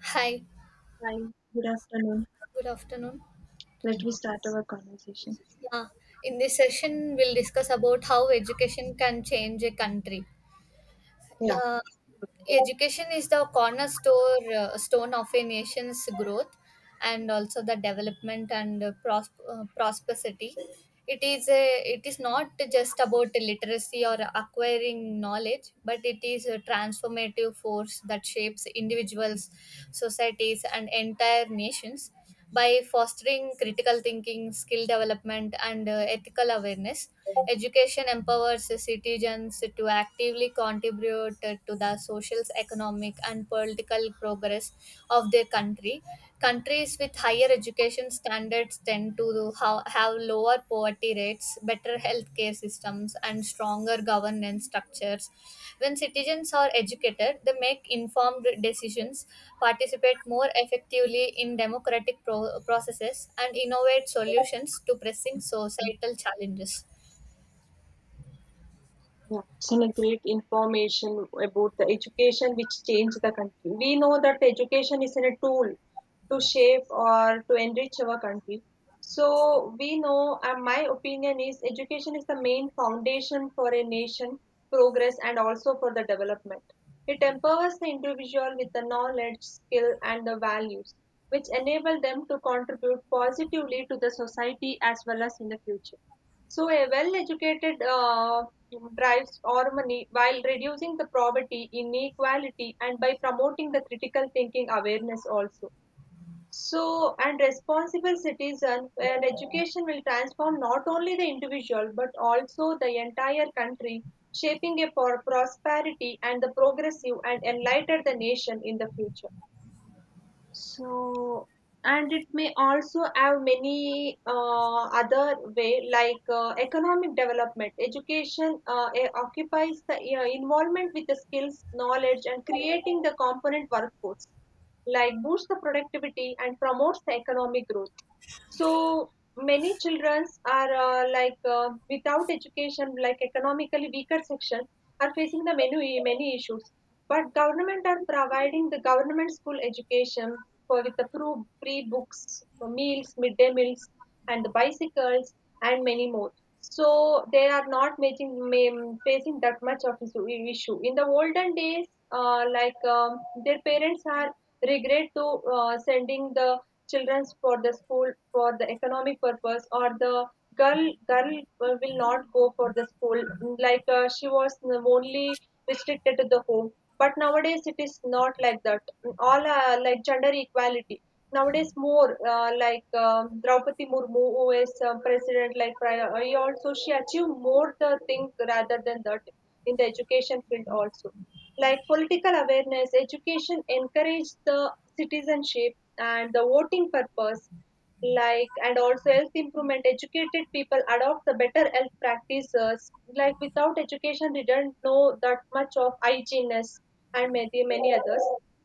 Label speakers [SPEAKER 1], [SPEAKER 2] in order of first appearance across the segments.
[SPEAKER 1] Hi,
[SPEAKER 2] Hi, good afternoon.
[SPEAKER 1] good afternoon.
[SPEAKER 2] Let me start our conversation.
[SPEAKER 1] Yeah, in this session, we'll discuss about how education can change a country. Yeah, education is the cornerstone stone of a nation's growth and also the development and prosperity. It is not just about literacy or acquiring knowledge, but it is a transformative force that shapes individuals, societies, and entire nations. By fostering critical thinking, skill development, and ethical awareness, education empowers citizens to actively contribute to the social, economic, and political progress of their country. Countries with higher education standards tend to have lower poverty rates, better healthcare systems, and stronger governance structures. When citizens are educated, they make informed decisions, participate more effectively in democratic processes, and innovate solutions to pressing societal challenges.
[SPEAKER 2] Yeah, it's a great information about the education which changed the country. We know that education is a tool to shape or to enrich our country. So we know, and my opinion is, education is the main foundation for a nation progress and also for the development. It empowers the individual with the knowledge, skill, and the values, which enable them to contribute positively to the society as well as in the future. So a well-educated rights or money while reducing the poverty inequality and by promoting the critical thinking awareness also so and responsible citizen and education will transform not only the individual but also the entire country shaping a for prosperity and the progressive and enlightened the nation in the future so, and it may also have many other way like economic development. Education occupies the you involvement with the skills, knowledge, and creating the component workforce, like boosts the productivity and promotes the economic growth. So many children are like without education, like economically weaker section, are facing the many issues. But government are providing the government school education for with the free books, meals, midday meals, and the bicycles and many more. So they are not making facing that much of issue. In the olden days, uh, like um, their parents are regret to sending the children's for the school for the economic purpose or the girl girl will not go for the school like she was only restricted to the home, but nowadays it is not like that. All like gender equality nowadays, more Draupadi Murmu who is president like prior he also she achieved more the thing rather than that in the education field also, like political awareness education encourage the citizenship and the voting purpose, like and also health improvement. Educated people adopt the better health practices, like without education they don't know that much of hygienist and many many others.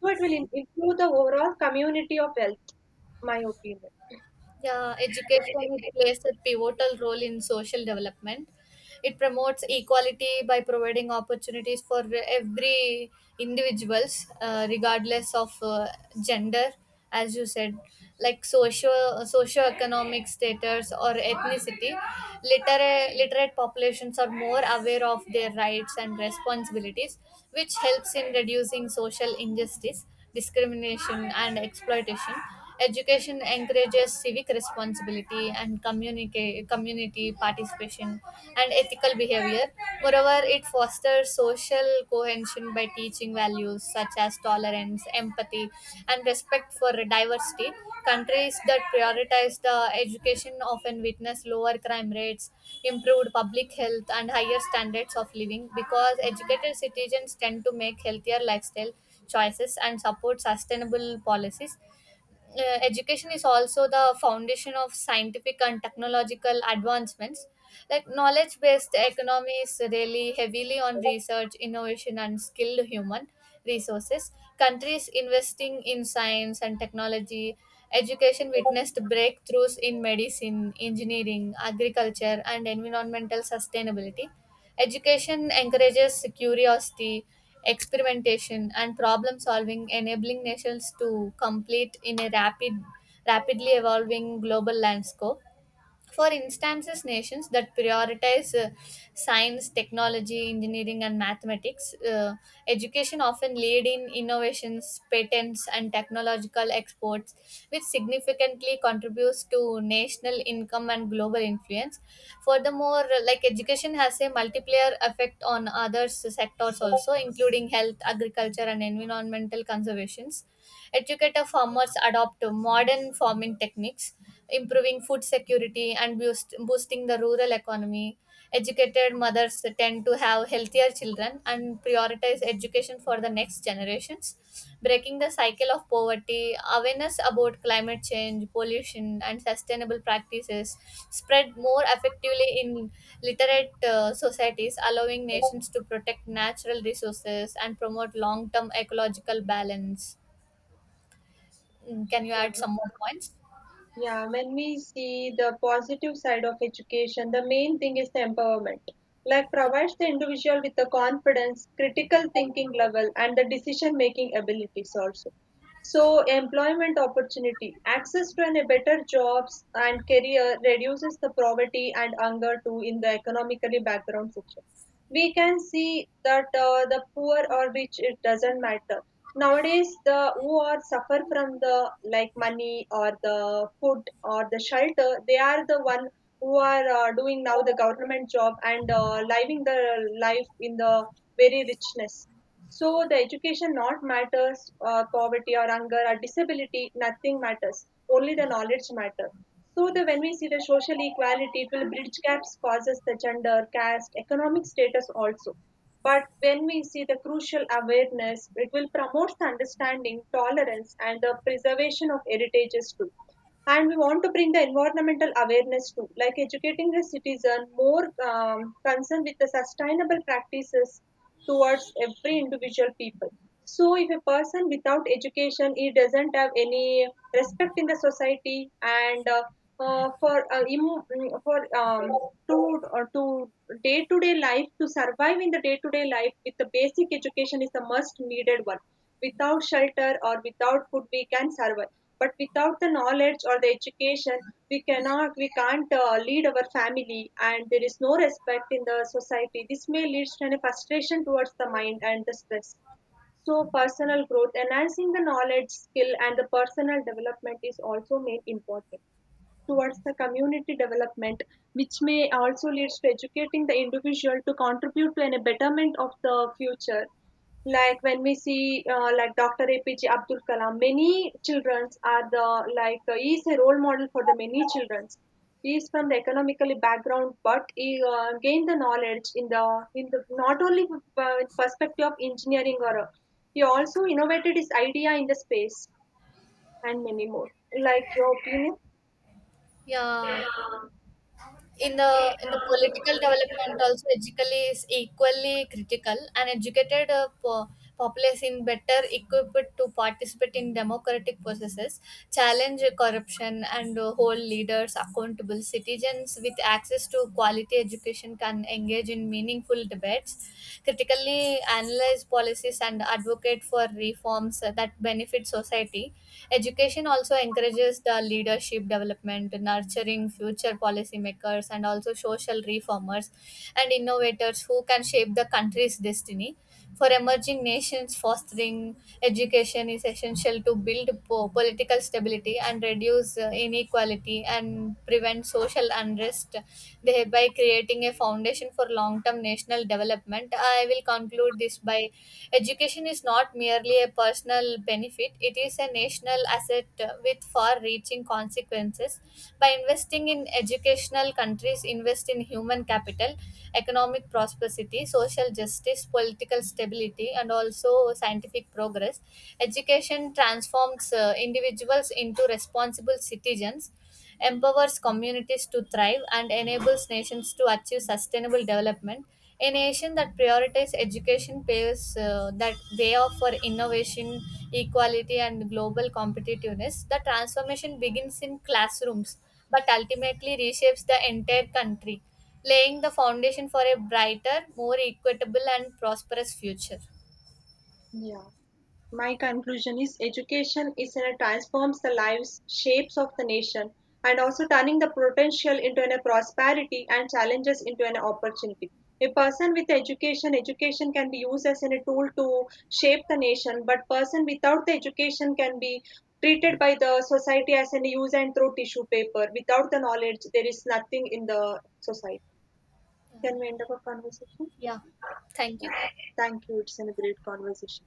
[SPEAKER 2] So it will improve the overall community of health, my opinion.
[SPEAKER 1] Yeah, education it plays a pivotal role in social development. It promotes equality by providing opportunities for every individuals, regardless of gender, as you said, like socioeconomic status or ethnicity. Literate populations are more aware of their rights and responsibilities, which helps in reducing social injustice, discrimination, and exploitation. Education encourages civic responsibility and community participation and ethical behavior. Moreover, it fosters social cohesion by teaching values such as tolerance, empathy, and respect for diversity. Countries that prioritize the education often witness lower crime rates, improved public health, and higher standards of living because educated citizens tend to make healthier lifestyle choices and support sustainable policies. Education is also the foundation of scientific and technological advancements. Like knowledge based economy is really heavily on research, innovation, and skilled human resources. Countries investing in science and technology, education witnessed breakthroughs in medicine, engineering, agriculture, and environmental sustainability. Education encourages curiosity, experimentation, and problem solving, enabling nations to compete in a rapidly evolving global landscape. For instances, nations that prioritize science, technology, engineering, and mathematics, education often lead in innovations, patents, and technological exports, which significantly contributes to national income and global influence. Furthermore, like education has a multiplier effect on other sectors also, including health, agriculture, and environmental conservations. Educated farmers adopt modern farming techniques, improving food security and boosting the rural economy. Educated mothers tend to have healthier children and prioritize education for the next generations. Breaking the cycle of poverty, awareness about climate change, pollution, and sustainable practices spread more effectively in literate societies, allowing nations to protect natural resources and promote long term ecological balance. Mm, can you
[SPEAKER 2] yeah
[SPEAKER 1] add some more points?
[SPEAKER 2] Yeah, when we see the positive side of education, the main thing is the empowerment. Like
[SPEAKER 1] Yeah.
[SPEAKER 2] provides the individual with the confidence, critical thinking level, and the decision making abilities also. So employment opportunity, access to a better jobs and career reduces the poverty and hunger too in the economically background section. We can see that the poor or rich, it doesn't matter. Nowadays, the who are suffer from the like money or the food or the shelter, they are the one who are doing now the government job and living the life in the very richness. So the education not matters, poverty or hunger or disability, nothing matters. Only the knowledge matter. So the when we see the social equality, it will bridge gaps, causes the gender, caste, economic status also, but when we see the crucial awareness, it will promote the understanding, tolerance, and the preservation of heritages too. And we want to bring the environmental awareness too, like educating the citizen more concerned with the sustainable practices towards every individual people. So if a person without education, he doesn't have any respect in the society and for im- mm, for to or to day life, to survive in the day to day life with the basic education is the most needed one. Without shelter or without food, we can survive, but without the knowledge or the education, we can't lead our family and there is no respect in the society. This may lead to a frustration towards the mind and the stress. So personal growth, enhancing the knowledge, skill, and the personal development is also made important towards the community development, which may also leads to educating the individual to contribute to a betterment of the future. Like when we see like Dr. APJ Abdul Kalam, many childrens are the like he is a role model for the many childrens. He is from the economically background, but he gained the knowledge in the not only perspective of engineering or he also innovated his idea in the space and many more, like your opinion.
[SPEAKER 1] Yeah, in the political development also, education is equally critical. An educated populace in better equipped to participate in democratic processes, challenge corruption, and hold leaders accountable. Citizens with access to quality education can engage in meaningful debates, critically analyze policies, and advocate for reforms that benefit society. Education also encourages the leadership development, nurturing future policymakers and also social reformers and innovators who can shape the country's destiny. For emerging nations, fostering education is essential to build political stability and reduce inequality and prevent social unrest, thereby creating a foundation for long term national development. I will conclude this by education is not merely a personal benefit, it is a national asset with far reaching consequences. By investing in educational countries invest in human capital, economic prosperity, social justice, political stability, and also scientific progress. Education transforms individuals into responsible citizens, empowers communities to thrive, and enables nations to achieve sustainable development. A nation that prioritizes education paves that way of for innovation, equality, and global competitiveness. The transformation begins in classrooms, but ultimately reshapes the entire country, laying the foundation for a brighter, more equitable, and prosperous future.
[SPEAKER 2] yeah My conclusion is education is in a transforms the lives, shapes of the nation, and also turning the potential into an a prosperity and challenges into an opportunity. A person with education, education can be used as in a tool to shape the nation, but person without the education can be treated by the society as an use and throw tissue paper. Without the knowledge, there is nothing in the society. Can we end up a conversation?
[SPEAKER 1] Yeah, thank
[SPEAKER 2] Yeah.
[SPEAKER 1] you.
[SPEAKER 2] Thank you. It's a great conversation.